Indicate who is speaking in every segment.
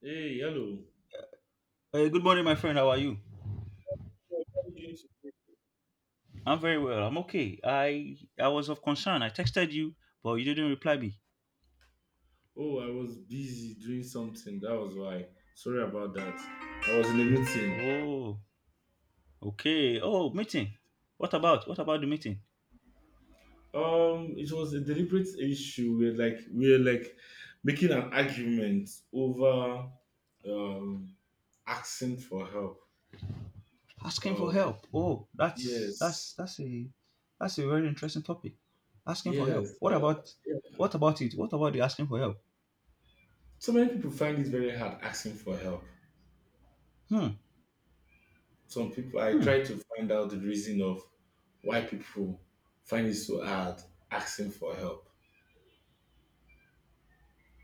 Speaker 1: Hey, hello.
Speaker 2: Good morning, my friend. How are you?
Speaker 1: Well, what are you doing today?
Speaker 2: I'm very well. I'm okay. I was of concern. I texted you, but you didn't reply me.
Speaker 1: Oh, I was busy doing something. That was why. Sorry about that. I was in a meeting.
Speaker 2: Oh, okay. Oh, meeting. What about the meeting?
Speaker 1: It was a deliberate issue. We're like making an argument over um asking for help.
Speaker 2: Asking for
Speaker 1: Um,
Speaker 2: help. Oh, that's
Speaker 1: yes,
Speaker 2: that's that's a that's a very interesting topic. Asking for
Speaker 1: yes.
Speaker 2: help. What about
Speaker 1: Yeah.
Speaker 2: what about it? What about the asking for help?
Speaker 1: So many people find it very hard asking for help.
Speaker 2: Hmm.
Speaker 1: Some people, I
Speaker 2: Hmm.
Speaker 1: try to find out the reason of why people find it so hard asking for help.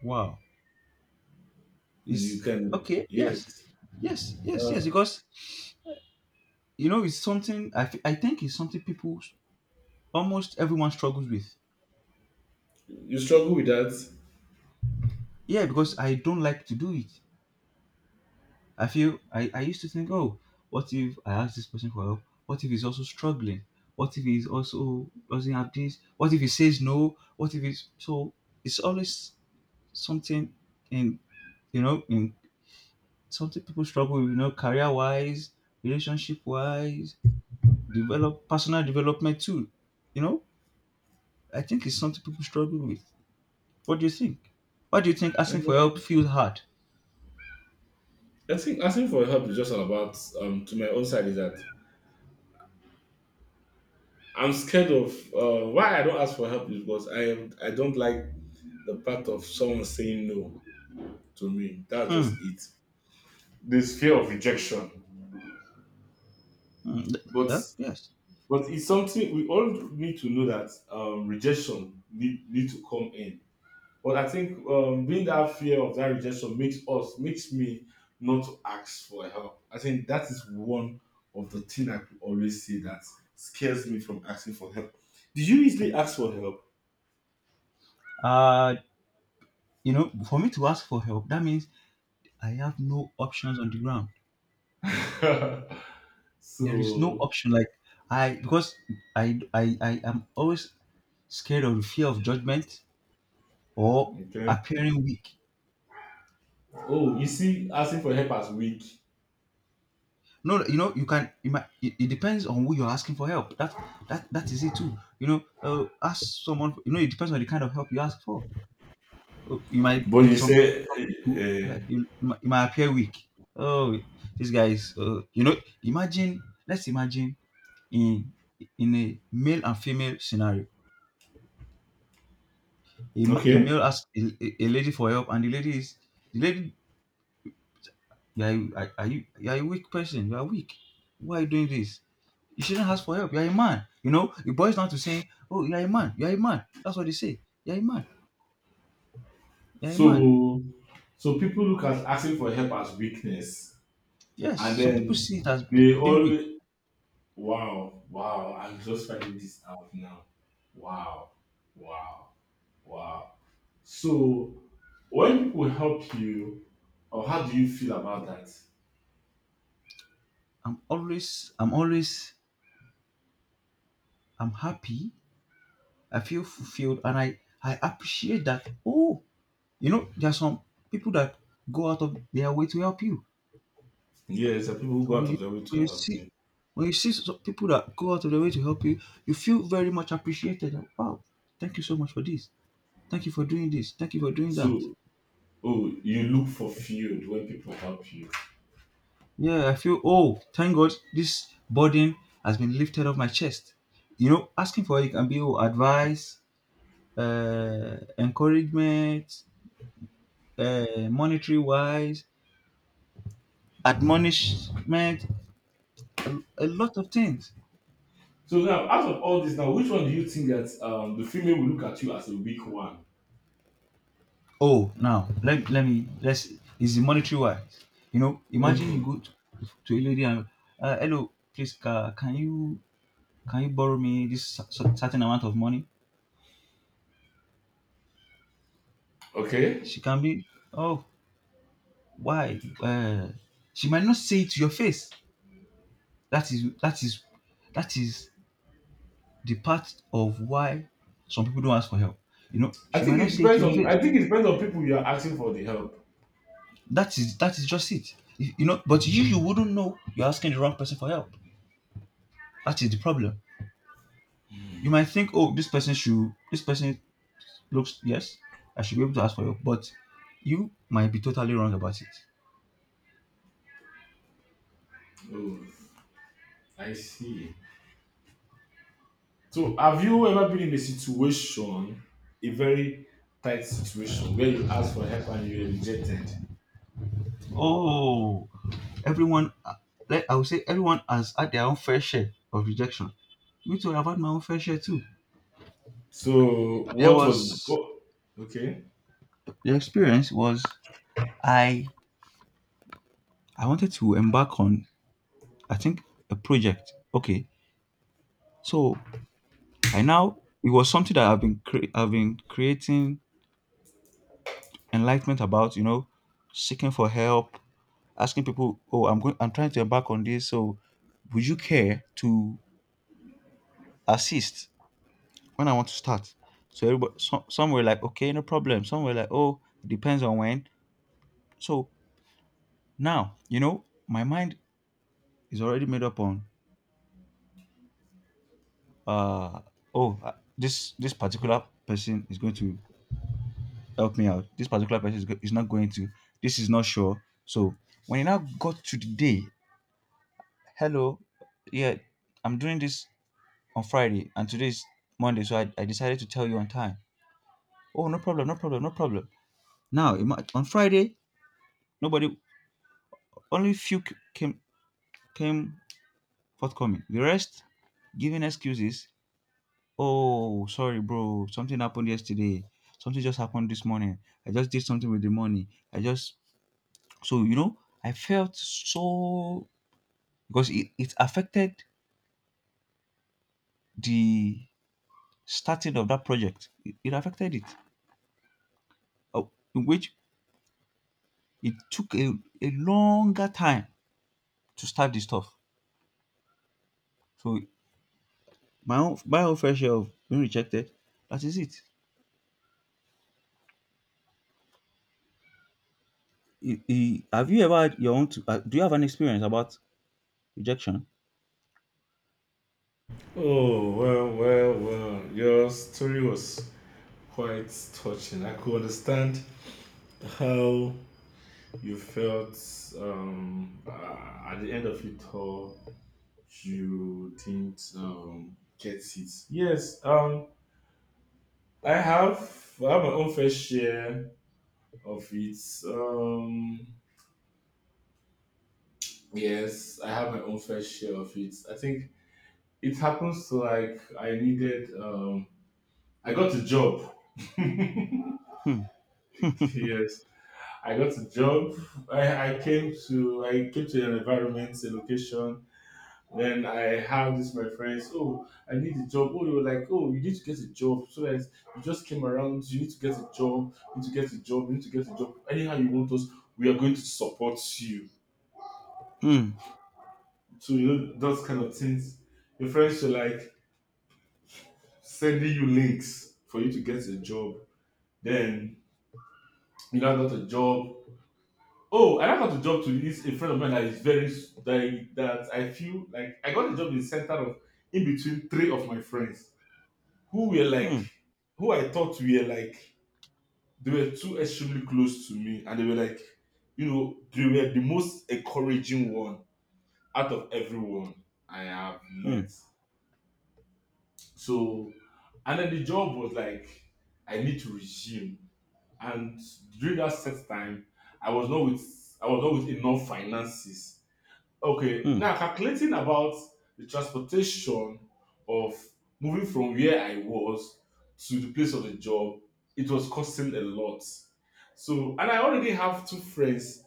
Speaker 2: Wow.
Speaker 1: You
Speaker 2: It's
Speaker 1: can,
Speaker 2: okay. Yes.
Speaker 1: yes.
Speaker 2: Yes. Yes. Yes.
Speaker 1: Uh,
Speaker 2: Because you know it's something I think it's something people almost everyone struggles with.
Speaker 1: you struggle with that.
Speaker 2: Yeah, because I don't like to do it. I feel I used to think, oh, what if I ask this person for help? What if he's also struggling? What if he's also doesn't have this? What if he says no? What if he's so It's always something in in something people struggle with, you know, career wise, relationship wise, develop personal development too. You know? I think it's something people struggle with. What do you think? Why do you think asking for help
Speaker 1: Mm,
Speaker 2: feels hard?
Speaker 1: I think asking for help is just all about, to my own side, is that I'm scared of why I don't ask for help is because I am, I don't like the part of someone saying no to me. That's
Speaker 2: Hmm.
Speaker 1: just it. This fear of rejection.
Speaker 2: Hmm.
Speaker 1: But
Speaker 2: Yes.
Speaker 1: but it's something we all need to know that rejection need to come in. But I think being that fear of that rejection makes me not to ask for help. I think that is one of the thing I could always say that scares me from asking for help. Did you easily ask for help?
Speaker 2: Uh, you know, for me to ask for help, that means I have no options on the ground. There is no
Speaker 1: So.
Speaker 2: option. Like because I am always scared of the fear of judgment or
Speaker 1: Okay.
Speaker 2: appearing weak.
Speaker 1: Oh, you see, asking for help as weak.
Speaker 2: No, you know, you can. It, might- it depends on who you're asking for help. That is it too. You know, ask someone. You know, it depends on the kind of help you ask for. You might
Speaker 1: But
Speaker 2: in
Speaker 1: you
Speaker 2: some in
Speaker 1: say
Speaker 2: some people
Speaker 1: uh,
Speaker 2: like you, you might appear weak. Oh, this guy is. You know, imagine. Let's imagine in in a male and female scenario. A
Speaker 1: okay.
Speaker 2: male asks a lady for help, and the lady. You are you are a weak person? You are weak. Why are you doing this? You shouldn't ask for help. You are a man. You know it boils down to saying, "Oh, you are a man. You are a man." That's what they say. You are a man. You are a man.
Speaker 1: So so people look at asking for help as weakness,
Speaker 2: Yes,
Speaker 1: and
Speaker 2: some people
Speaker 1: then
Speaker 2: see it as
Speaker 1: they
Speaker 2: being weak.
Speaker 1: always... Wow, wow. I'm just finding this out now. Wow, wow, wow. So, when people help you, or how do you feel about that?
Speaker 2: I'm always, I'm always, I'm happy. I feel fulfilled, and I appreciate that. Oh, you know, there are some people that go out of their way to help you.
Speaker 1: Yes, there are people who
Speaker 2: So
Speaker 1: go out of their way
Speaker 2: when
Speaker 1: to
Speaker 2: you
Speaker 1: help
Speaker 2: see
Speaker 1: you.
Speaker 2: when you see some people that go out of their way to help you, you feel very much appreciated. Like, wow, thank you so much for this. Thank you for doing this. Thank you for doing that.
Speaker 1: So, oh, you look fulfilled when people help you.
Speaker 2: Yeah, I feel oh, thank God this burden has been lifted off my chest. You know, asking for it can be oh, advice, encouragement, monetary wise, admonishment, a lot of things.
Speaker 1: So now, out of all this, now which one do you think that the female will look at you as a weak one?
Speaker 2: Oh, now let's is the monetary wise. You know, imagine you go to a lady and hello, please ca can you borrow me this certain amount of money?
Speaker 1: Oh, okay.
Speaker 2: She can be oh why? She might not say it to your face. That is that is that is the part of why some people don't ask for help. You know,
Speaker 1: I
Speaker 2: she might
Speaker 1: think it
Speaker 2: not say it to
Speaker 1: depends
Speaker 2: your
Speaker 1: on.
Speaker 2: face.
Speaker 1: I think it depends on people you are asking for the help.
Speaker 2: That is just it. You know, but you wouldn't know you're asking the wrong person for help. That is the problem. You might think, oh, this person should, this person looks, yes, I should be able to ask for help, but you might be totally wrong about it.
Speaker 1: Oh, I see. So, have you ever been in a situation, a very tight situation, where you asked for help and you were rejected?
Speaker 2: Oh, everyone, like I would say, everyone has had their own fair share of rejection. Me too, I've had my own fair share too.
Speaker 1: So,
Speaker 2: There
Speaker 1: what was
Speaker 2: was
Speaker 1: what? Okay.
Speaker 2: the experience was I I wanted to embark on I think a project. Okay, so I now it was something that I've been creating enlightenment about. You know, seeking for help, asking people, "Oh, I'm going. I'm trying to embark on this. So, would you care to assist when I want to start?" Some were like, "Okay, no problem." Some were like, "Oh, it depends on when." So now, you know, my mind is already made up on, uh, oh, this particular person is going to help me out. This particular person is not going to. This is not sure. So when it now got to the day, hello, yeah, I'm doing this on Friday, and today's Monday, so I decided to tell you on time. Oh, no problem, no problem, no problem. On Friday, nobody, only few came forthcoming. The rest giving excuses. Oh, sorry, bro, something happened yesterday. Something just happened this morning. I just did something with the money. I just So you know, I felt so because it affected the starting of that project. It affected it, oh, in which it took a longer time to start the stuff. So my own fair share of being rejected. That is it. Have you ever had your own? Do you have an experience about rejection?
Speaker 1: Oh, well, well, well. Your story was quite touching. I could understand how you felt at the end of it all. You didn't get it. Yes. I have. I have my own fair share of it. Um, yes, I have my own fair share of it. I think it happens to like I needed. I got a job.
Speaker 2: Hmm.
Speaker 1: Yes, I got a job. I came to an environment, a location. Then I had this my friends. Oh, I need a job. Oh, they were like, oh, you need to get a job. So that you just came around. You need to get a job. You need to get a job. You need to get a job. Anyhow you want us, we are going to support you.
Speaker 2: Hmm.
Speaker 1: So you know those kind of things. Your friends are like sending you links for you to get a job. Then you now got a job. Oh, I now got a job to this a friend of mine that is very that I feel like I got a job in the center of in between three of my friends who were like
Speaker 2: Hmm.
Speaker 1: who I thought were like they were too extremely close to me and they were like they were the most encouraging one out of everyone I have
Speaker 2: Hmm.
Speaker 1: met. So, and then the job was like, I need to resume. And during that set time, I was not with I was not with enough finances. Okay,
Speaker 2: Hmm.
Speaker 1: now calculating about the transportation of moving from where I was to the place of the job, it was costing a lot. So, and I already have two friends,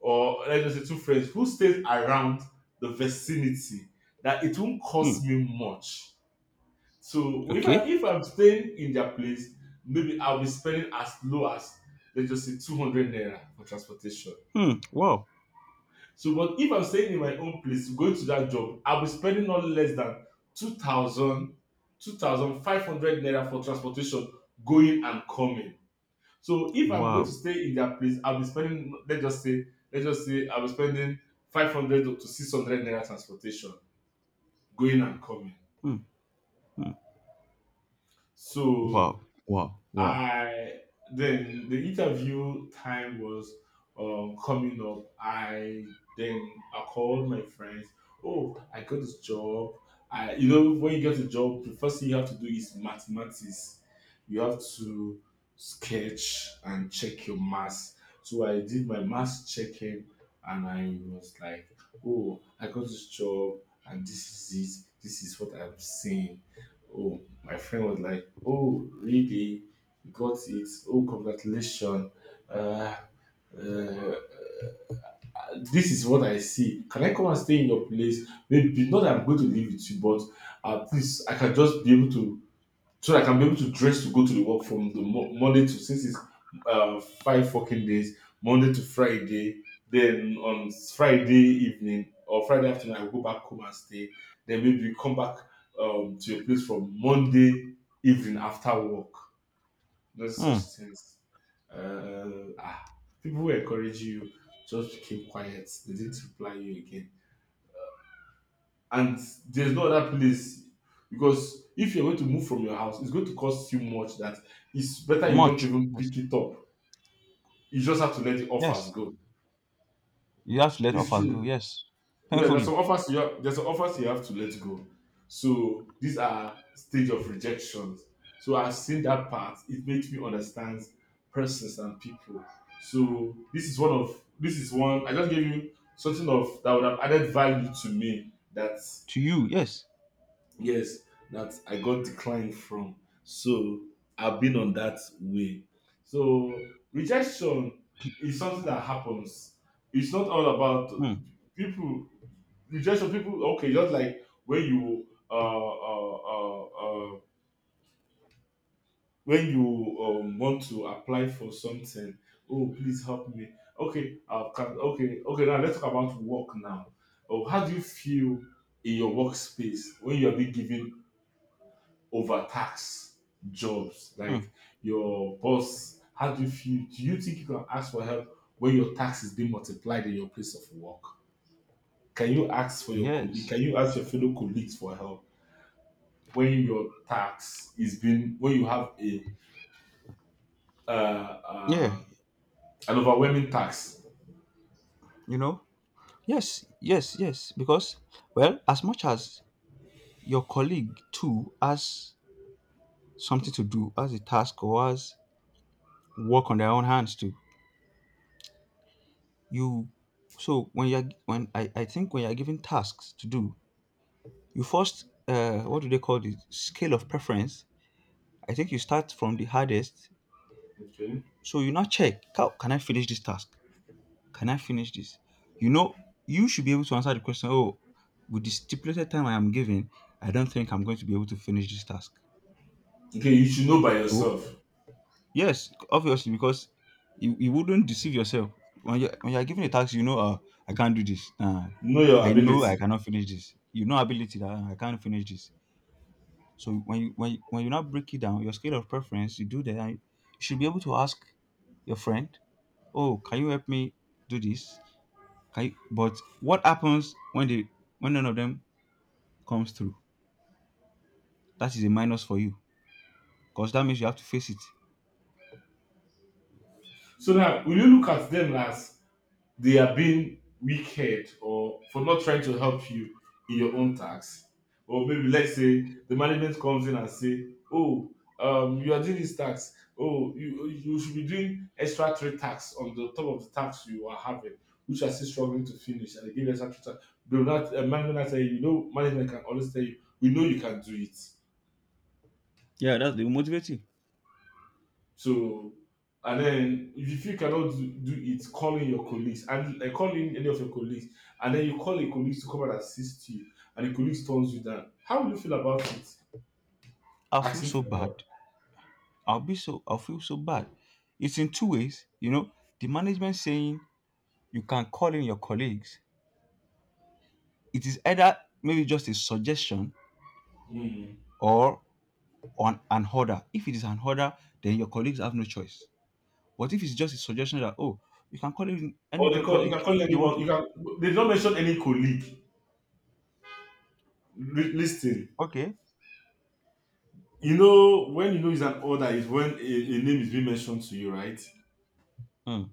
Speaker 1: or let's just say two friends who stayed around the vicinity that it won't
Speaker 2: Hmm.
Speaker 1: cost me much. So
Speaker 2: Okay.
Speaker 1: if I'm staying in their place, maybe I'll be spending as low as let's just say 200 naira for transportation.
Speaker 2: Hmm. Wow.
Speaker 1: So but if I'm staying in my own place, going to that job, I'll be spending not less than 2000 2500 naira for transportation going and coming. So if I'm going to
Speaker 2: Wow.
Speaker 1: stay in their place, I'll be spending let's just say I'll be spending 500 to 600 naira transportation going and coming.
Speaker 2: Hmm. Hmm.
Speaker 1: So
Speaker 2: Wow. Wow. Wow.
Speaker 1: I then the interview time was coming up. I then I called my friends. Oh, I got this job. I You know when you get a job, the first thing you have to do is mathematics. You have to sketch and check your maths. So I did my maths checking, and I was like, oh, I got this job, and this is it. This is what I'm seeing. Oh, my friend was like, oh, really? Got it. Oh, congratulations. Uh, uh, this is what I see. Can I come and stay in your place? Maybe not that I'm going to live with you, but please, I can just be able to, so that I can be able to dress to go to the work from the Monday to since it's 5 fucking days, Monday to Friday. Then on Friday evening or Friday afternoon, I will go back home and stay. Then maybe come back to your place from Monday evening after work. No such
Speaker 2: Hmm.
Speaker 1: things. Uh, ah, people who encourage you just became quiet. They didn't reply you again. And there's no other place because if you're going to move from your house, it's going to cost you much. That it's better you don't
Speaker 2: Much.
Speaker 1: even
Speaker 2: Yes.
Speaker 1: pick it up. You just have to let the offers
Speaker 2: Yes.
Speaker 1: go.
Speaker 2: You have to let
Speaker 1: It's
Speaker 2: offers go.
Speaker 1: true.
Speaker 2: Yes.
Speaker 1: Yeah,
Speaker 2: Painfully.
Speaker 1: there's some offers you have to let go. So these are stage of rejections. So I've seen that part. It makes me understand persons and people. So this is one I just gave you something of that would have added value to me that
Speaker 2: To you. Yes.
Speaker 1: yes that I got declined from. So I've been on that way. So rejection is something that happens. It's not all about
Speaker 2: Hmm.
Speaker 1: people rejection people okay just like when you want to apply for something, oh please help me. Okay, okay, now let's talk about work now. Oh, how do you feel in your workspace when you are being given overtaxed jobs?
Speaker 2: Hmm.
Speaker 1: Like your boss, how do you feel? Do you think you can ask for help when your tax is being multiplied in your place of work? Can you ask for your colleague?
Speaker 2: Yes.
Speaker 1: Can you ask your fellow colleagues for help when your tax is being when you have a uh,
Speaker 2: Yeah.
Speaker 1: uh, an overwhelming tax.
Speaker 2: You know. Yes, yes, yes. Because, well, as much as your colleague too has something to do, has a task or has work on their own hands too, you so when you're when I think when you're given tasks to do, you first what do they call the scale of preference? I think you start from the hardest.
Speaker 1: Okay.
Speaker 2: So you now check how can I finish this task? Can I finish this? You know, you should be able to answer the question, oh, with the stipulated time I am given, I don't think I'm going to be able to finish this task.
Speaker 1: Okay, you should know by
Speaker 2: So
Speaker 1: yourself.
Speaker 2: yes, obviously because you wouldn't deceive yourself when you're given a task. You know, I can't do this.
Speaker 1: Know your
Speaker 2: I know I
Speaker 1: ability.
Speaker 2: cannot finish this. You know, ability that I can't finish this. So when you now break it down, your scale of preference, you do that. And you should be able to ask your friend, "Oh, can you help me do this?" Can you? But what happens when they when none of them comes through? That is a minus for you because that means you have to face it.
Speaker 1: So now will you look at them as they are being wicked or for not trying to help you in your own tax? Or maybe let's say the management comes in and say, oh, you are doing this tax, oh, you should be doing extra three tax on the top of the tax you are having which are still struggling to finish and they give you extra three tax. They not management will tell you, you know, management can always tell you, we know you can do it.
Speaker 2: Yeah, that's the motivate you.
Speaker 1: So, and then if you cannot do it, calling your colleagues and like call any of your colleagues, and then you call a colleague to come and assist you, and the colleague turns you down. How would you feel about it?
Speaker 2: I feel
Speaker 1: Asking
Speaker 2: so
Speaker 1: for
Speaker 2: bad
Speaker 1: help.
Speaker 2: I'll feel so bad. It's in two ways, you know, the management saying you can call in your colleagues. It is either maybe just a suggestion
Speaker 1: Mm.
Speaker 2: or on an order. If it is an order, then your colleagues have no choice. But if it's just a suggestion that oh, you can call in any
Speaker 1: Or
Speaker 2: of
Speaker 1: they
Speaker 2: your
Speaker 1: call you can
Speaker 2: colleagues
Speaker 1: call
Speaker 2: if they want
Speaker 1: anyone. You
Speaker 2: to.
Speaker 1: can They don't mention any colleague. Listen,
Speaker 2: Okay,
Speaker 1: you know when you know it's an order is when a name is being mentioned to you, right?
Speaker 2: hmm.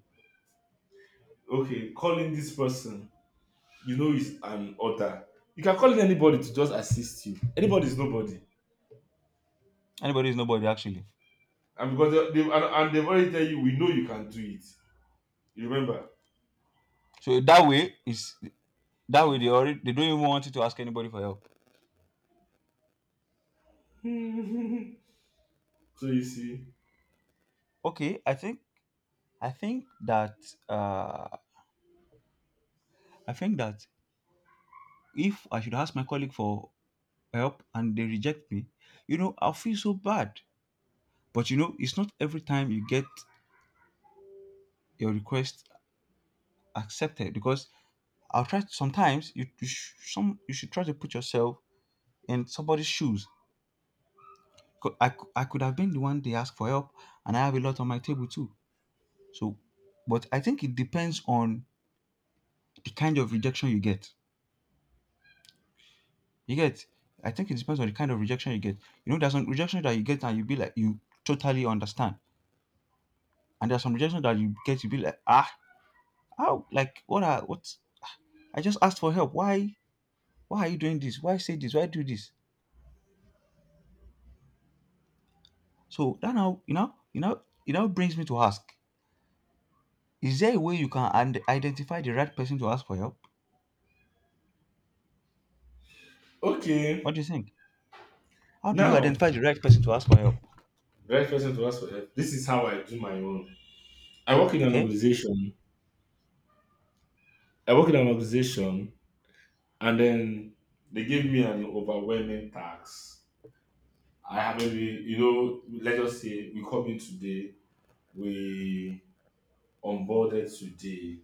Speaker 1: Okay, calling this person, you know it's an order. You can call in anybody to just assist you. Anybody is nobody.
Speaker 2: Anybody is nobody actually.
Speaker 1: And because and they've already tell you, we know you can do it. You remember?
Speaker 2: So that way they don't even want you to ask anybody for help.
Speaker 1: So you see,
Speaker 2: Okay, I think that uh I think that if I should ask my colleague for help and they reject me, you know, I'll feel so bad. But you know, it's not every time you get your request accepted because I'll try. Sometimes you, you sh- some you should try to put yourself in somebody's shoes. 'Cause I could have been the one they asked for help, and I have a lot on my table too. So, but I think it depends on the kind of rejection you get. You get. I think it depends on the kind of rejection you get. You know, there's some rejection that you get and you be like you totally understand, and there's some rejection that you get to be like, ah, how, like, what, I just asked for help. Why? Why are you doing this? Why say this? Why do this? So that now, you know, it now brings me to ask, is there a way you can and identify the right person to ask for help? What
Speaker 1: okay,
Speaker 2: do you think? How do you
Speaker 1: now
Speaker 2: identify the right person to ask for help?
Speaker 1: the right person to ask for help. This is how I do my own. I work in an
Speaker 2: Okay,
Speaker 1: organization. I work in an organization, and then they gave me an overwhelming task. I have maybe, you know, let us say we come in today, we onboarded today,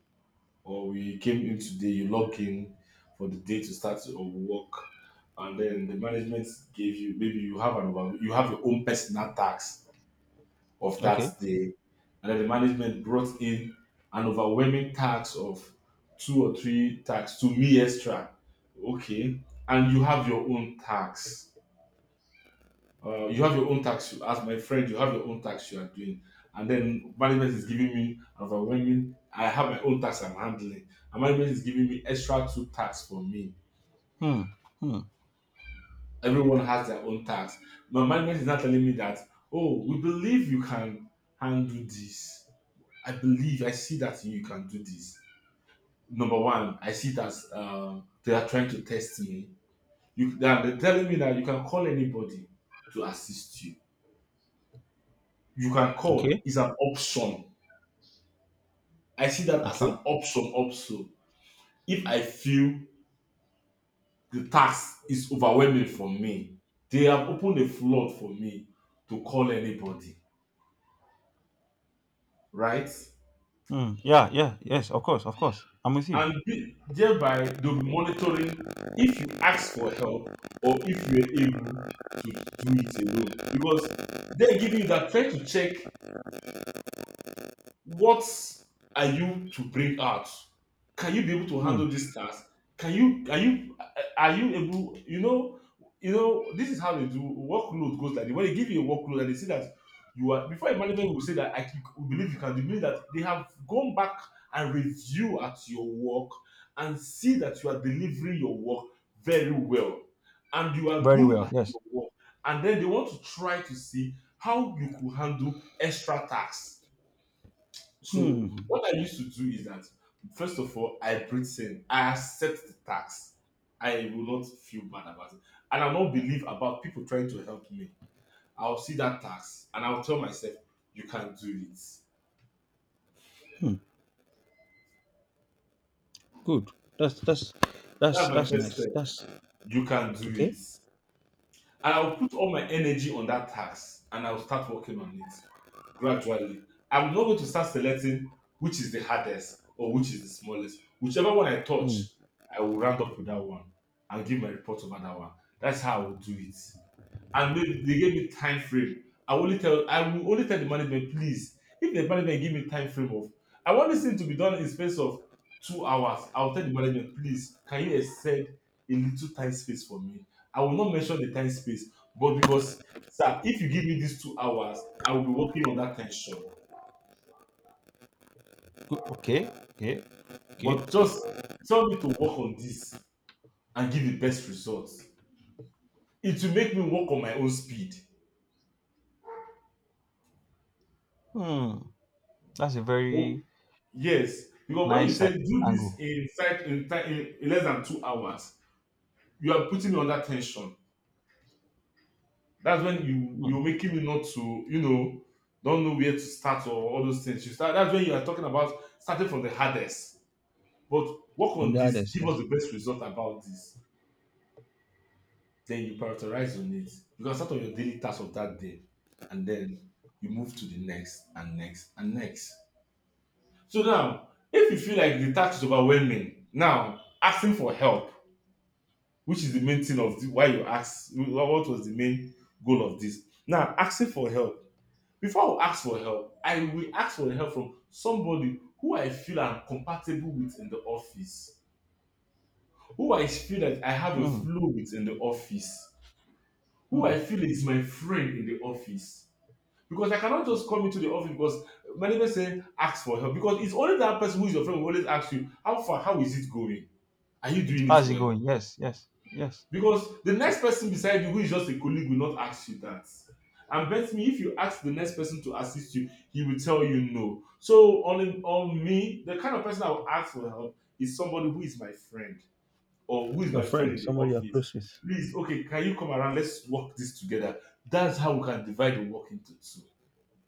Speaker 1: or we came in today, you log in for the day to start your work, and then the management gave you maybe you have an over you have your own personal tax of that
Speaker 2: okay.
Speaker 1: day, and then the management brought in an overwhelming tax of two or three tax to me extra, okay, and you have your own tax you have your own tax, as my friend you have your own tax you are doing, and then management is giving me overwhelming. I have my own tax I'm handling, and management is giving me extra two tax for me.
Speaker 2: Hmm. Hmm.
Speaker 1: Everyone has their own tax. My management is not telling me that, oh, we believe you can handle this. I believe, I see that you can do this. Number one, I see that they are trying to test me. They're telling me that you can call anybody to assist you. You can call,
Speaker 2: Okay,
Speaker 1: it's an option. I see that as
Speaker 2: okay.
Speaker 1: an option also. If I feel the task is overwhelming for me, they have opened a flood for me to call anybody, right?
Speaker 2: Hmm. Yeah, yeah. Yes, of course, of course, I'm with you.
Speaker 1: And thereby, they'll be monitoring if you ask for help or if you're able to do it alone. Because they're giving you that try to check what are you to bring out? Can you be able to
Speaker 2: Hmm.
Speaker 1: handle this task? Can you are you are you able? You know, you know. This is how they do workload goes like this. When they give you a workload and they see that you are, before a management will say that I can, we believe you can. They mean that they have gone back and review at your work and see that you are delivering your work very well and you are
Speaker 2: Very
Speaker 1: good
Speaker 2: well,
Speaker 1: at
Speaker 2: yes.
Speaker 1: your work, and then they want to try to see how you could handle extra tasks. So
Speaker 2: Hmm.
Speaker 1: what I used to do is that first of all, I breathe in, I accept the tax. I will not feel bad about it. And I'll not believe about people trying to help me. I'll see that tax and I'll tell myself, you can do it.
Speaker 2: Hmm. Good. that's that's that's
Speaker 1: That's my
Speaker 2: that's
Speaker 1: first
Speaker 2: nice.
Speaker 1: step.
Speaker 2: That's
Speaker 1: You can do it.
Speaker 2: Okay.
Speaker 1: And I'll put all my energy on that task and I'll start working on it gradually. I'm not going to start selecting which is the hardest or which is the smallest. Whichever one I
Speaker 2: Hmm.
Speaker 1: touch, I will round up with that one and give my report over that one. That's how I will do it. And they gave me time frame. I will only tell the management, please, if the management give me time frame of, I want this thing to be done in space of 2 hours, I will tell the management, please can you extend a little time space for me. I will not mention the time space, but because sir, if you give me these 2 hours, I will be working on that tension,
Speaker 2: Okay, okay, okay.
Speaker 1: but just tell me to work on this and give the best results, it will make me work on my own speed.
Speaker 2: Hmm. That's a
Speaker 1: But
Speaker 2: very
Speaker 1: yes, because when you
Speaker 2: nice
Speaker 1: say do this
Speaker 2: angle.
Speaker 1: in in less than 2 hours, you are putting me under tension. That's when you
Speaker 2: Hmm.
Speaker 1: you're making me not to, you know, don't know where to start or all those things. You start. That's when you are talking about starting from the hardest. But work
Speaker 2: From
Speaker 1: on
Speaker 2: the
Speaker 1: this.
Speaker 2: others,
Speaker 1: Give us
Speaker 2: yes.
Speaker 1: the best result about this. Then you prioritize on it. You can start on your daily task of that day, and then you move to the next and next and next. So now, if you feel like the task is overwhelming, now asking for help, which is the main thing of the, why you ask, what was the main goal of this now asking for help? Before I ask for help, I will ask for help from somebody who I feel I'm compatible with in the office, who I feel that I have a
Speaker 2: Hmm.
Speaker 1: flow with in the office, who
Speaker 2: Hmm.
Speaker 1: I feel is my friend in the office. Because I cannot just come into the office because many people say ask for help, because it's only that person who is your friend who always asks you how far, how is it going, are you doing it
Speaker 2: How's it
Speaker 1: well.
Speaker 2: going? Yes, yes, yes.
Speaker 1: Because the next person beside you who is just a colleague will not ask you that. And bet me if you ask the next person to assist you, he will tell you no. So on me, the kind of person I will ask for help is somebody who is my friend or who is
Speaker 2: Your
Speaker 1: my friend
Speaker 2: friend,
Speaker 1: in the
Speaker 2: somebody you're
Speaker 1: office.
Speaker 2: close with.
Speaker 1: Please, okay, can you come around? Let's work this together. That's how we can divide the work into two.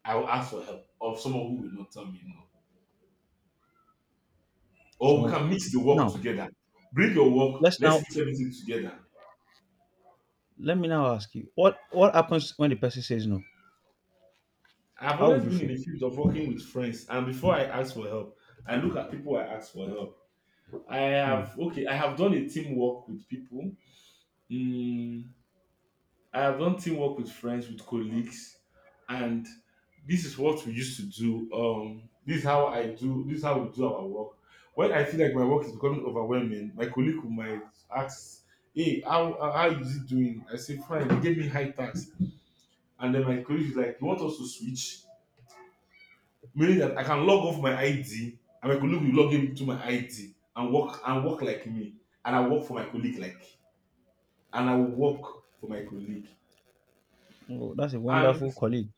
Speaker 1: I will ask for help of someone who will not tell me no. Or we
Speaker 2: So
Speaker 1: can mix the work
Speaker 2: now,
Speaker 1: together. Bring your work,
Speaker 2: let's
Speaker 1: let's
Speaker 2: now
Speaker 1: mix everything together.
Speaker 2: let me now ask you what happens when the person says no?
Speaker 1: I've
Speaker 2: How
Speaker 1: always
Speaker 2: would you
Speaker 1: been in
Speaker 2: feel?
Speaker 1: the field of working with friends, and before I ask for help, I look at people I ask for help. I
Speaker 2: Hmm.
Speaker 1: have, okay, I have done a teamwork with people. Mm, I have done teamwork with friends, with colleagues, and this is what we used to do. This is how I do. This is how we do our work. When I feel like my work is becoming overwhelming, my colleague will might ask, "Hey, how is it doing?" I say, "Fine." He gave me high tax, and then my colleague is like, "You want us to switch?" Meaning that I can log off my ID and my colleague will log in to my ID and work like me, and I work for my colleague like, and I will work for my colleague.
Speaker 2: Oh, that's a
Speaker 1: And
Speaker 2: wonderful colleague.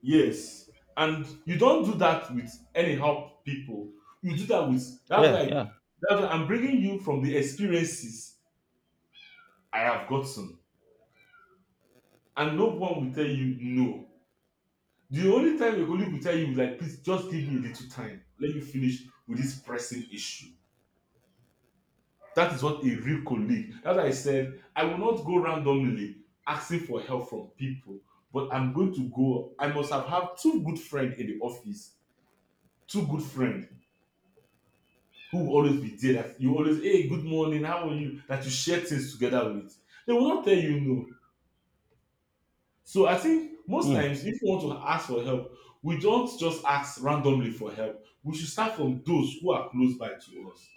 Speaker 1: yes, and you don't do that with anyhow people. You do that with, that's
Speaker 2: Yeah,
Speaker 1: like,
Speaker 2: yeah.
Speaker 1: that's why I'm bringing you from the experiences I have gotten, and no one will tell you no. The only time your colleague will tell you is like, please just give me a little time. Let me finish with this pressing issue. That is what a real colleague. That's why I said I will not go randomly asking for help from people, but I'm going to go. I must have had two good friends in the office, two good friends who will always be there. That you always, hey, good morning, how are you? That you share things together with. They will not tell you no. So I think most
Speaker 2: Hmm.
Speaker 1: times, if you want to ask for help, we don't just ask randomly for help. We should start from those who are close by to us.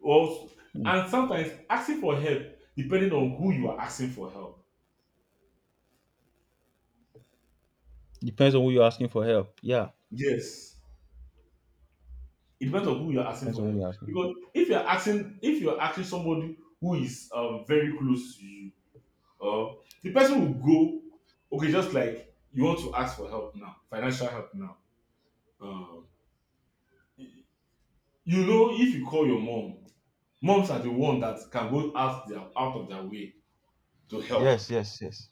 Speaker 1: Or,
Speaker 2: Hmm.
Speaker 1: and sometimes asking for help, depending on who you are asking for help.
Speaker 2: Depends on who you're asking for help. Yeah,
Speaker 1: Yes. It depends on who you're asking
Speaker 2: depends
Speaker 1: for
Speaker 2: on who
Speaker 1: help.
Speaker 2: you're asking.
Speaker 1: Because if you're asking, if you're asking somebody who is very close to you, or the person will go, okay, just like you want to ask for help now, financial help now. Um, you know, if you call your mom, moms are the one that can go out their out of their way to help.
Speaker 2: Yes, yes, yes.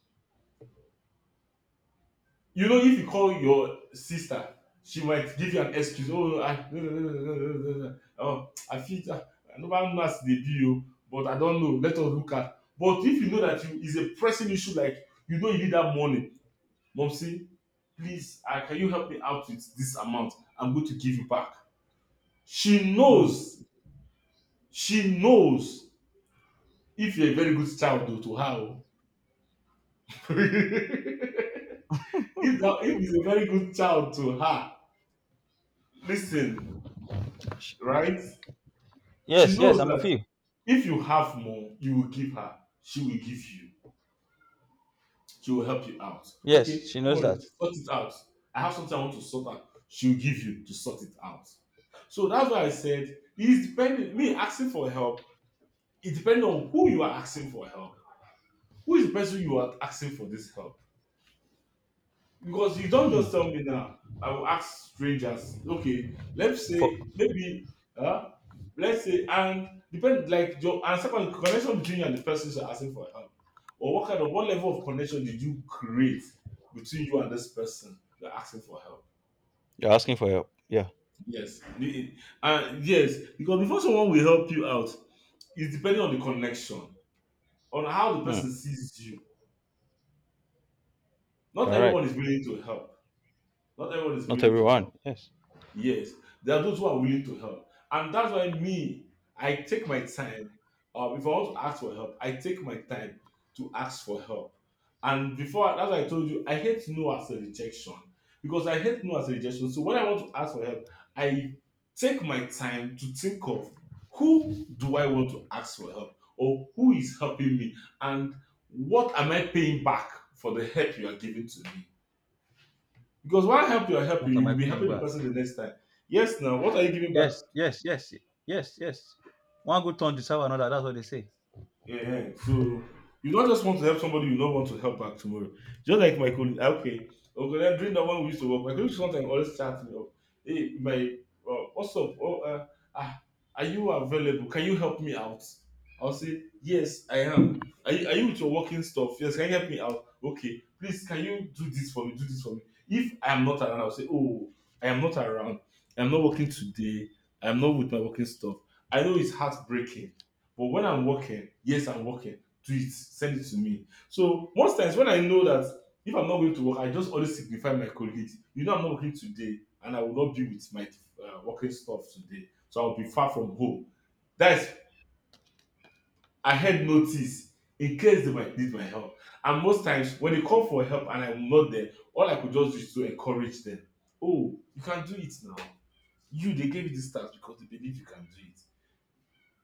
Speaker 1: You know, if you call your sister, she might give you an excuse. Oh no, I, no, no, no, no, no, no, no, no. Oh, I fit ah, normal nurse dey be o, but I don know, let us look at. But if you know that you is a pressing issue, like you know you need that money, mumsy, please ah, can you help me out with this amount, I'm going to give you back. She
Speaker 2: Hmm.
Speaker 1: knows, she knows, if you're a very good child o to her o, if that, if he's a very good child to her, lis ten right. She
Speaker 2: Yes, yes,
Speaker 1: knows
Speaker 2: I'm with
Speaker 1: that
Speaker 2: you.
Speaker 1: if you have more, you will give her. She will give you. She will help you out.
Speaker 2: Yes,
Speaker 1: Okay,
Speaker 2: she
Speaker 1: don't
Speaker 2: knows
Speaker 1: worry,
Speaker 2: that.
Speaker 1: sort it out. I have something I want to sort out. She will give you to sort it out. So that's why I said it's depending. Me asking for help, it depends on who you are asking for help. Who is the person you are asking for this help? Because you don't just tell me now. I will ask strangers. Okay, let's
Speaker 2: For
Speaker 1: say maybe, uh, let's say, and depend like your and second connection between you and the person you're asking for help, or what kind of what level of connection did you create between you and this person you're asking for help?
Speaker 2: you're asking for help. Yeah.
Speaker 1: Yes, The- yes, because before someone will help you out, it's depending on the connection, on how the
Speaker 2: Hmm.
Speaker 1: person sees you. Not
Speaker 2: All right.
Speaker 1: everyone is willing to help. Not everyone is
Speaker 2: Not
Speaker 1: willing to help.
Speaker 2: everyone. Yes.
Speaker 1: Yes, there are those who are willing to help, and that's why me, I take my time. If I want to ask for help, I take my time to ask for help. And before, as I told you, I hate no as a rejection, because I hate no as a rejection. So when I want to ask for help, I take my time to think of who do I want to ask for help or who is helping me, and what am I paying back for the help you are giving to me. Because one help you are helping,
Speaker 2: What
Speaker 1: you
Speaker 2: am
Speaker 1: will
Speaker 2: I
Speaker 1: be
Speaker 2: paying
Speaker 1: helping the
Speaker 2: back?
Speaker 1: person the next time. Yes, now what are you giving back?
Speaker 2: Yes, yes, yes, yes, yes. One good turn deserve another. That's what they say.
Speaker 1: Yeah, so you don't just want to help somebody you don't want to help back tomorrow. Just like my colleague, okay, okay, then during the one we used to work, my colleague sometimes always chat me up. Hey, my, what's up? Oh, ah, are you available? Can you help me out? I'll say, yes, I am. Are you with your working stuff? Yes, can you help me out? Okay, please, can you do this for me? Do this for me. If I am not around, I'll say, oh, I am not around. I'm not working today. I'm not with my working stuff. I know it's heartbreaking, but when I'm working, yes, I'm working. Do it. Send it to me. So most times when I know that if I'm not going to work, I just always signify my colleagues. I'm not working today, and I will not be with my working stuff today. So I'll be far from home. That's ahead notice in case they might need my help. And most times when they call for help and I'm not there, all I could just do is to encourage them. Oh, you can do it now. You They gave you this task because they believe you can do it.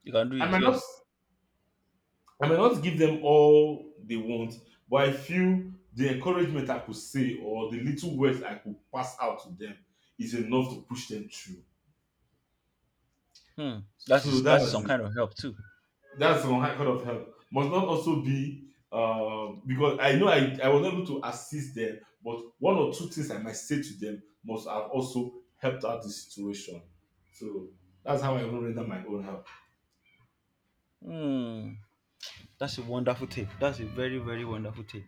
Speaker 2: You can do
Speaker 1: I
Speaker 2: it.
Speaker 1: might not
Speaker 2: Yes.
Speaker 1: I may not give them all they want, but I feel the encouragement I could say or the little words I could pass out to them is enough to push them through.
Speaker 2: Hmm.
Speaker 1: So
Speaker 2: That is
Speaker 1: that's
Speaker 2: some
Speaker 1: it.
Speaker 2: kind of help too.
Speaker 1: That's one kind of help. Must not also be because I know I was able to assist them, but one or two things I might say to them must have also helped out the situation. So that's how I even render my own help.
Speaker 2: Hmm. That's a wonderful take. That's a very very wonderful take.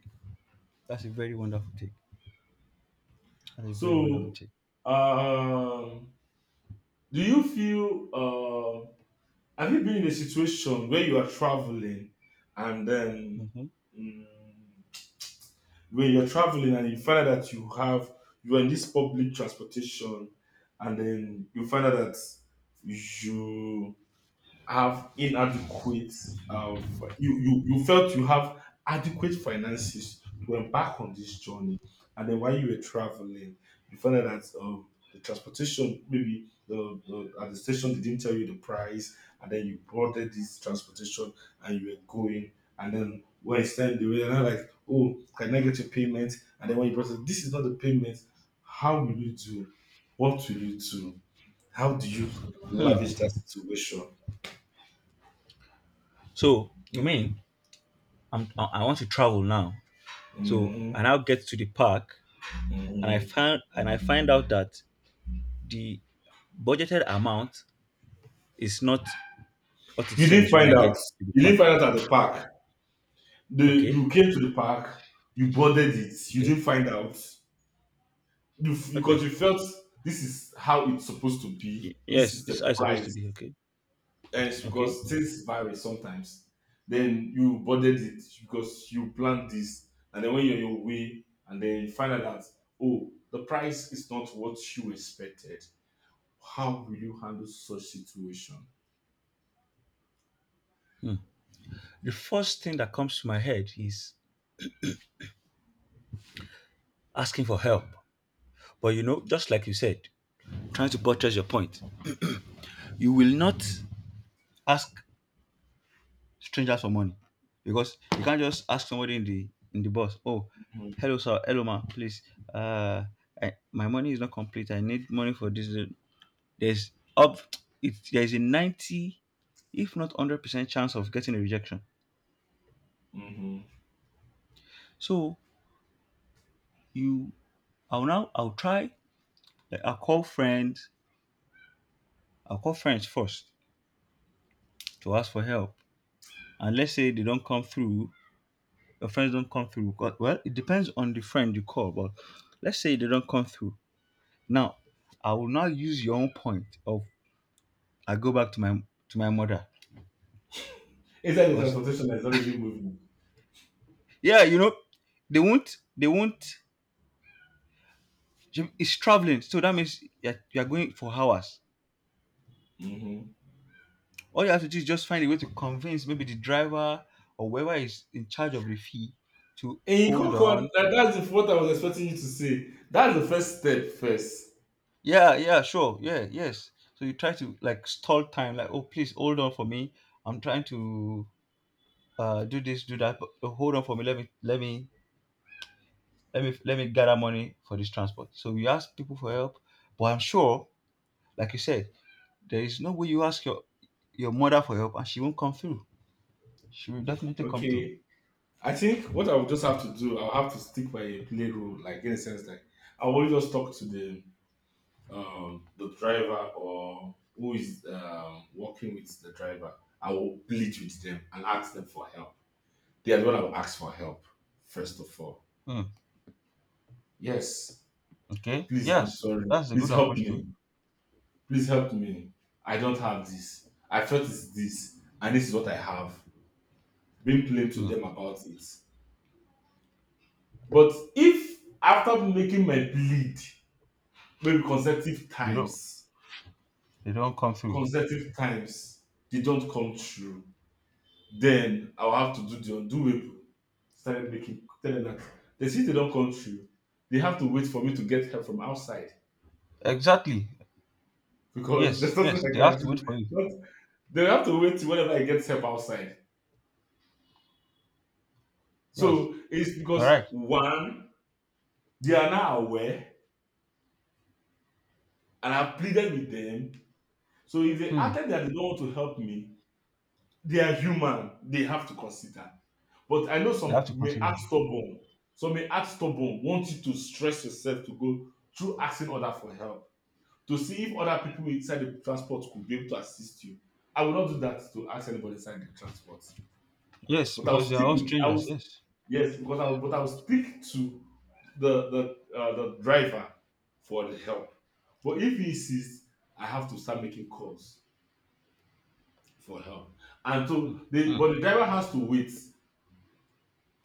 Speaker 2: That's a very wonderful take. That's a very wonderful
Speaker 1: So
Speaker 2: take.
Speaker 1: um, do you feel? Uh, Have you been in a situation where you are traveling and then
Speaker 2: Hmm.
Speaker 1: mm, when you're traveling and you find out that you are in this public transportation and then you find out that you have inadequate you felt you have adequate finances to embark on this journey, and then while you were traveling you found out that the transportation, maybe the at the station, they didn't tell you the price. And then you boarded this transportation and you were going, and then when it's time they were now like, oh, can I get your payment? And then when you process, this is not the payment. How will you do? What will you do? How do you
Speaker 2: Hmm.
Speaker 1: Lavish that situation.
Speaker 2: So you mean I want to travel now? So
Speaker 1: hmm
Speaker 2: I now get to the park and I
Speaker 1: hmm
Speaker 2: find and I find out that the budgeted amount is not what it
Speaker 1: You didn't
Speaker 2: seems when
Speaker 1: find
Speaker 2: I get
Speaker 1: out.
Speaker 2: to the
Speaker 1: You didn't
Speaker 2: park.
Speaker 1: find out at the park. The
Speaker 2: Okay,
Speaker 1: You came to the park. You boarded it. You
Speaker 2: okay,
Speaker 1: didn't find out. Because
Speaker 2: okay.
Speaker 1: you felt this is how it's supposed to be. This
Speaker 2: Yes,
Speaker 1: is the
Speaker 2: this is supposed to
Speaker 1: price.
Speaker 2: be okay.
Speaker 1: And it's
Speaker 2: Okay.
Speaker 1: because things vary sometimes. Then you boarded it because you planned this, and then when you're on your way, and then you find out that, oh, the price is not what you expected. How will you handle such situation?
Speaker 2: The first thing that comes to my head is asking for help. But you know, just like you said, trying to buttress your point, you will not ask strangers for money because you can't just ask somebody in the bus. Oh, hello sir, hello ma, please. Uh, I, my money is not complete. I need money for this. There's up it there's a 90, if not 100% chance of getting a rejection.
Speaker 1: hmm
Speaker 2: So you, I'll try, like, I'll call friends. I'll call friends first to ask for help. And let's say they don't come through. Your friends don't come through, well, it depends on the friend you call. But let's say they don't come through. Now I will now use your own point of, I go back to my, to my mother.
Speaker 1: Inside the
Speaker 2: Because,
Speaker 1: transportation, is already moving.
Speaker 2: yeah, you know, they won't it's traveling, so that means you're going for hours.
Speaker 1: Mm-hmm.
Speaker 2: All you have to do is just find a way to convince maybe the driver or whoever is in charge of the fee to
Speaker 1: In
Speaker 2: hold
Speaker 1: Kokon,
Speaker 2: on.
Speaker 1: that's what I was expecting you to say. That's the first step first.
Speaker 2: Yeah, yeah, sure. Yeah, yes. So you try to like stall time, like, oh, please hold on for me. I'm trying to do this, do that. But hold on for me. Let me gather money for this transport. So you ask people for help. But I'm sure, like you said, there is no way you ask your mother for help and she won't come through. She will definitely come through.
Speaker 1: Okay. I think what I would just have to do, I'll have to stick by a play rule, like in a sense, like I will just talk to the driver or who is working with the driver. I will plead with them and ask them for help. They are the one I will ask for help, first of all.
Speaker 2: Hmm.
Speaker 1: Yes.
Speaker 2: Okay.
Speaker 1: Please, I'm
Speaker 2: Yes,
Speaker 1: sorry.
Speaker 2: that's a
Speaker 1: Please
Speaker 2: good
Speaker 1: help
Speaker 2: approach too.
Speaker 1: me. Please help me. I don't have this. I felt it's this, and this is what I have. Being plain to
Speaker 2: Hmm.
Speaker 1: them about it. But if after making my plead, maybe
Speaker 2: They don't they don't come through.
Speaker 1: consecutive times, they don't come through, then I'll have to do the undoable. Started making tell them that they see they don't come through. They have to wait for me to get help from outside
Speaker 2: Exactly.
Speaker 1: because there's
Speaker 2: Yes,
Speaker 1: nothing
Speaker 2: yes.
Speaker 1: I
Speaker 2: They
Speaker 1: can
Speaker 2: have to wait
Speaker 1: do.
Speaker 2: for you.
Speaker 1: But they have to wait till whenever I get help outside.
Speaker 2: Yes.
Speaker 1: So it's
Speaker 2: You're
Speaker 1: because
Speaker 2: right.
Speaker 1: one, they are now aware, and I've pleaded with them. So if they
Speaker 2: Hmm.
Speaker 1: acted that they don't want to help me, they are human. They have to consider. But I know
Speaker 2: They have
Speaker 1: some
Speaker 2: to
Speaker 1: may
Speaker 2: consider
Speaker 1: act
Speaker 2: that.
Speaker 1: stubborn. Some may act stubborn, want you to stress yourself to go through asking other for help, to see if other people inside the transport could be able to assist you. I will not do that to ask anybody inside the transport,
Speaker 2: Yes,
Speaker 1: but I will
Speaker 2: because they are
Speaker 1: stick
Speaker 2: all
Speaker 1: with. I
Speaker 2: strangers,
Speaker 1: will.
Speaker 2: yes.
Speaker 1: Yes, because I will, but I will stick to the driver for the help. But if he insists, I have to start making calls for help. And
Speaker 2: Hmm.
Speaker 1: so the
Speaker 2: Hmm.
Speaker 1: but the driver has to wait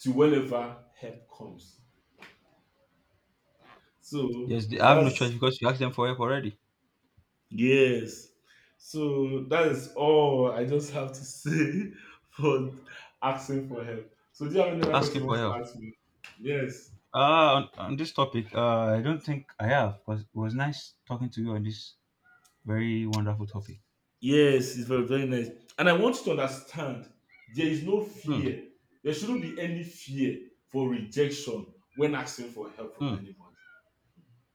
Speaker 1: till whenever help comes. So
Speaker 2: Yes, they have no
Speaker 1: that's
Speaker 2: choice because you asked them for help already.
Speaker 1: yes. So that is all I just have to say for asking for help. So do you have any other question
Speaker 2: Asking
Speaker 1: you want
Speaker 2: for
Speaker 1: to
Speaker 2: help.
Speaker 1: ask me? Yes.
Speaker 2: Uh on this topic, I don't think I have, because it was nice talking to you on this very wonderful topic.
Speaker 1: Yes, it's very, very nice. And I want you to understand there is no
Speaker 2: Hmm.
Speaker 1: fear. There shouldn't be any fear for rejection when asking for help from
Speaker 2: Hmm.
Speaker 1: anybody.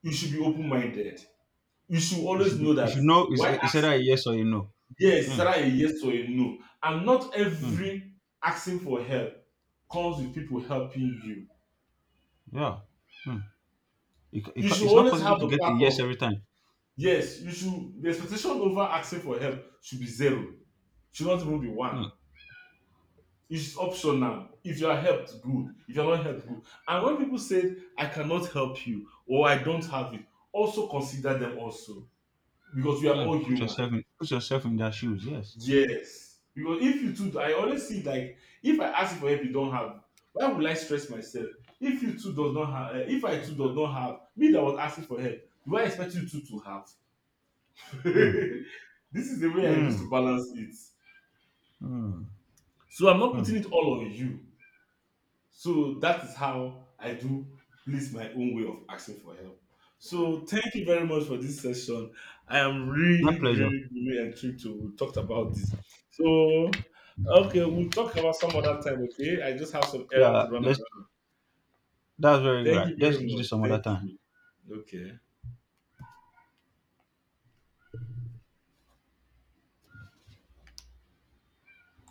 Speaker 1: You should be open minded. You should
Speaker 2: You
Speaker 1: always
Speaker 2: should
Speaker 1: know
Speaker 2: be, you
Speaker 1: that
Speaker 2: should know,
Speaker 1: why
Speaker 2: is either a yes or a no.
Speaker 1: Yes, is
Speaker 2: Hmm.
Speaker 1: either a yes or a no. And not
Speaker 2: Hmm.
Speaker 1: every asking for help comes with people helping you.
Speaker 2: Yeah. Hmm.
Speaker 1: You should
Speaker 2: It's not
Speaker 1: always
Speaker 2: possible
Speaker 1: have
Speaker 2: to
Speaker 1: the
Speaker 2: get a
Speaker 1: part
Speaker 2: yes
Speaker 1: of
Speaker 2: every time.
Speaker 1: Yes, you should the expectation over asking for help should be zero. Should not even be
Speaker 2: Hmm.
Speaker 1: one. It's optional. If you are helped, good. If you are not helped, good. And when people say, I cannot help you or I don't have it, also consider them also. Because we are
Speaker 2: Hmm.
Speaker 1: all human.
Speaker 2: Put yourself in their shoes. Yes.
Speaker 1: Yes. Because if you too, I always see like, if I ask for help, you don't have, why would I stress myself? If you too does not have, eh, if I too does not have, me that was asking for help, do I expect you two to have?
Speaker 2: Hmm.
Speaker 1: This is the way I used
Speaker 2: Hmm.
Speaker 1: to balance it.
Speaker 2: Hmm.
Speaker 1: So I'm not
Speaker 2: Hmm.
Speaker 1: putting it all on you. So that is how I do please my own way of asking for help. So thank you very much for this session. I am
Speaker 2: My
Speaker 1: really,
Speaker 2: pleasure.
Speaker 1: really, really intrigued to talk about this. So okay, we'll talk about some other time, okay? I just have some errand to
Speaker 2: Yeah.
Speaker 1: run
Speaker 2: Let's.
Speaker 1: around.
Speaker 2: That's very
Speaker 1: Thank
Speaker 2: right.
Speaker 1: you
Speaker 2: Let's
Speaker 1: very
Speaker 2: do
Speaker 1: much.
Speaker 2: this some other
Speaker 1: Thank
Speaker 2: time.
Speaker 1: you. Okay.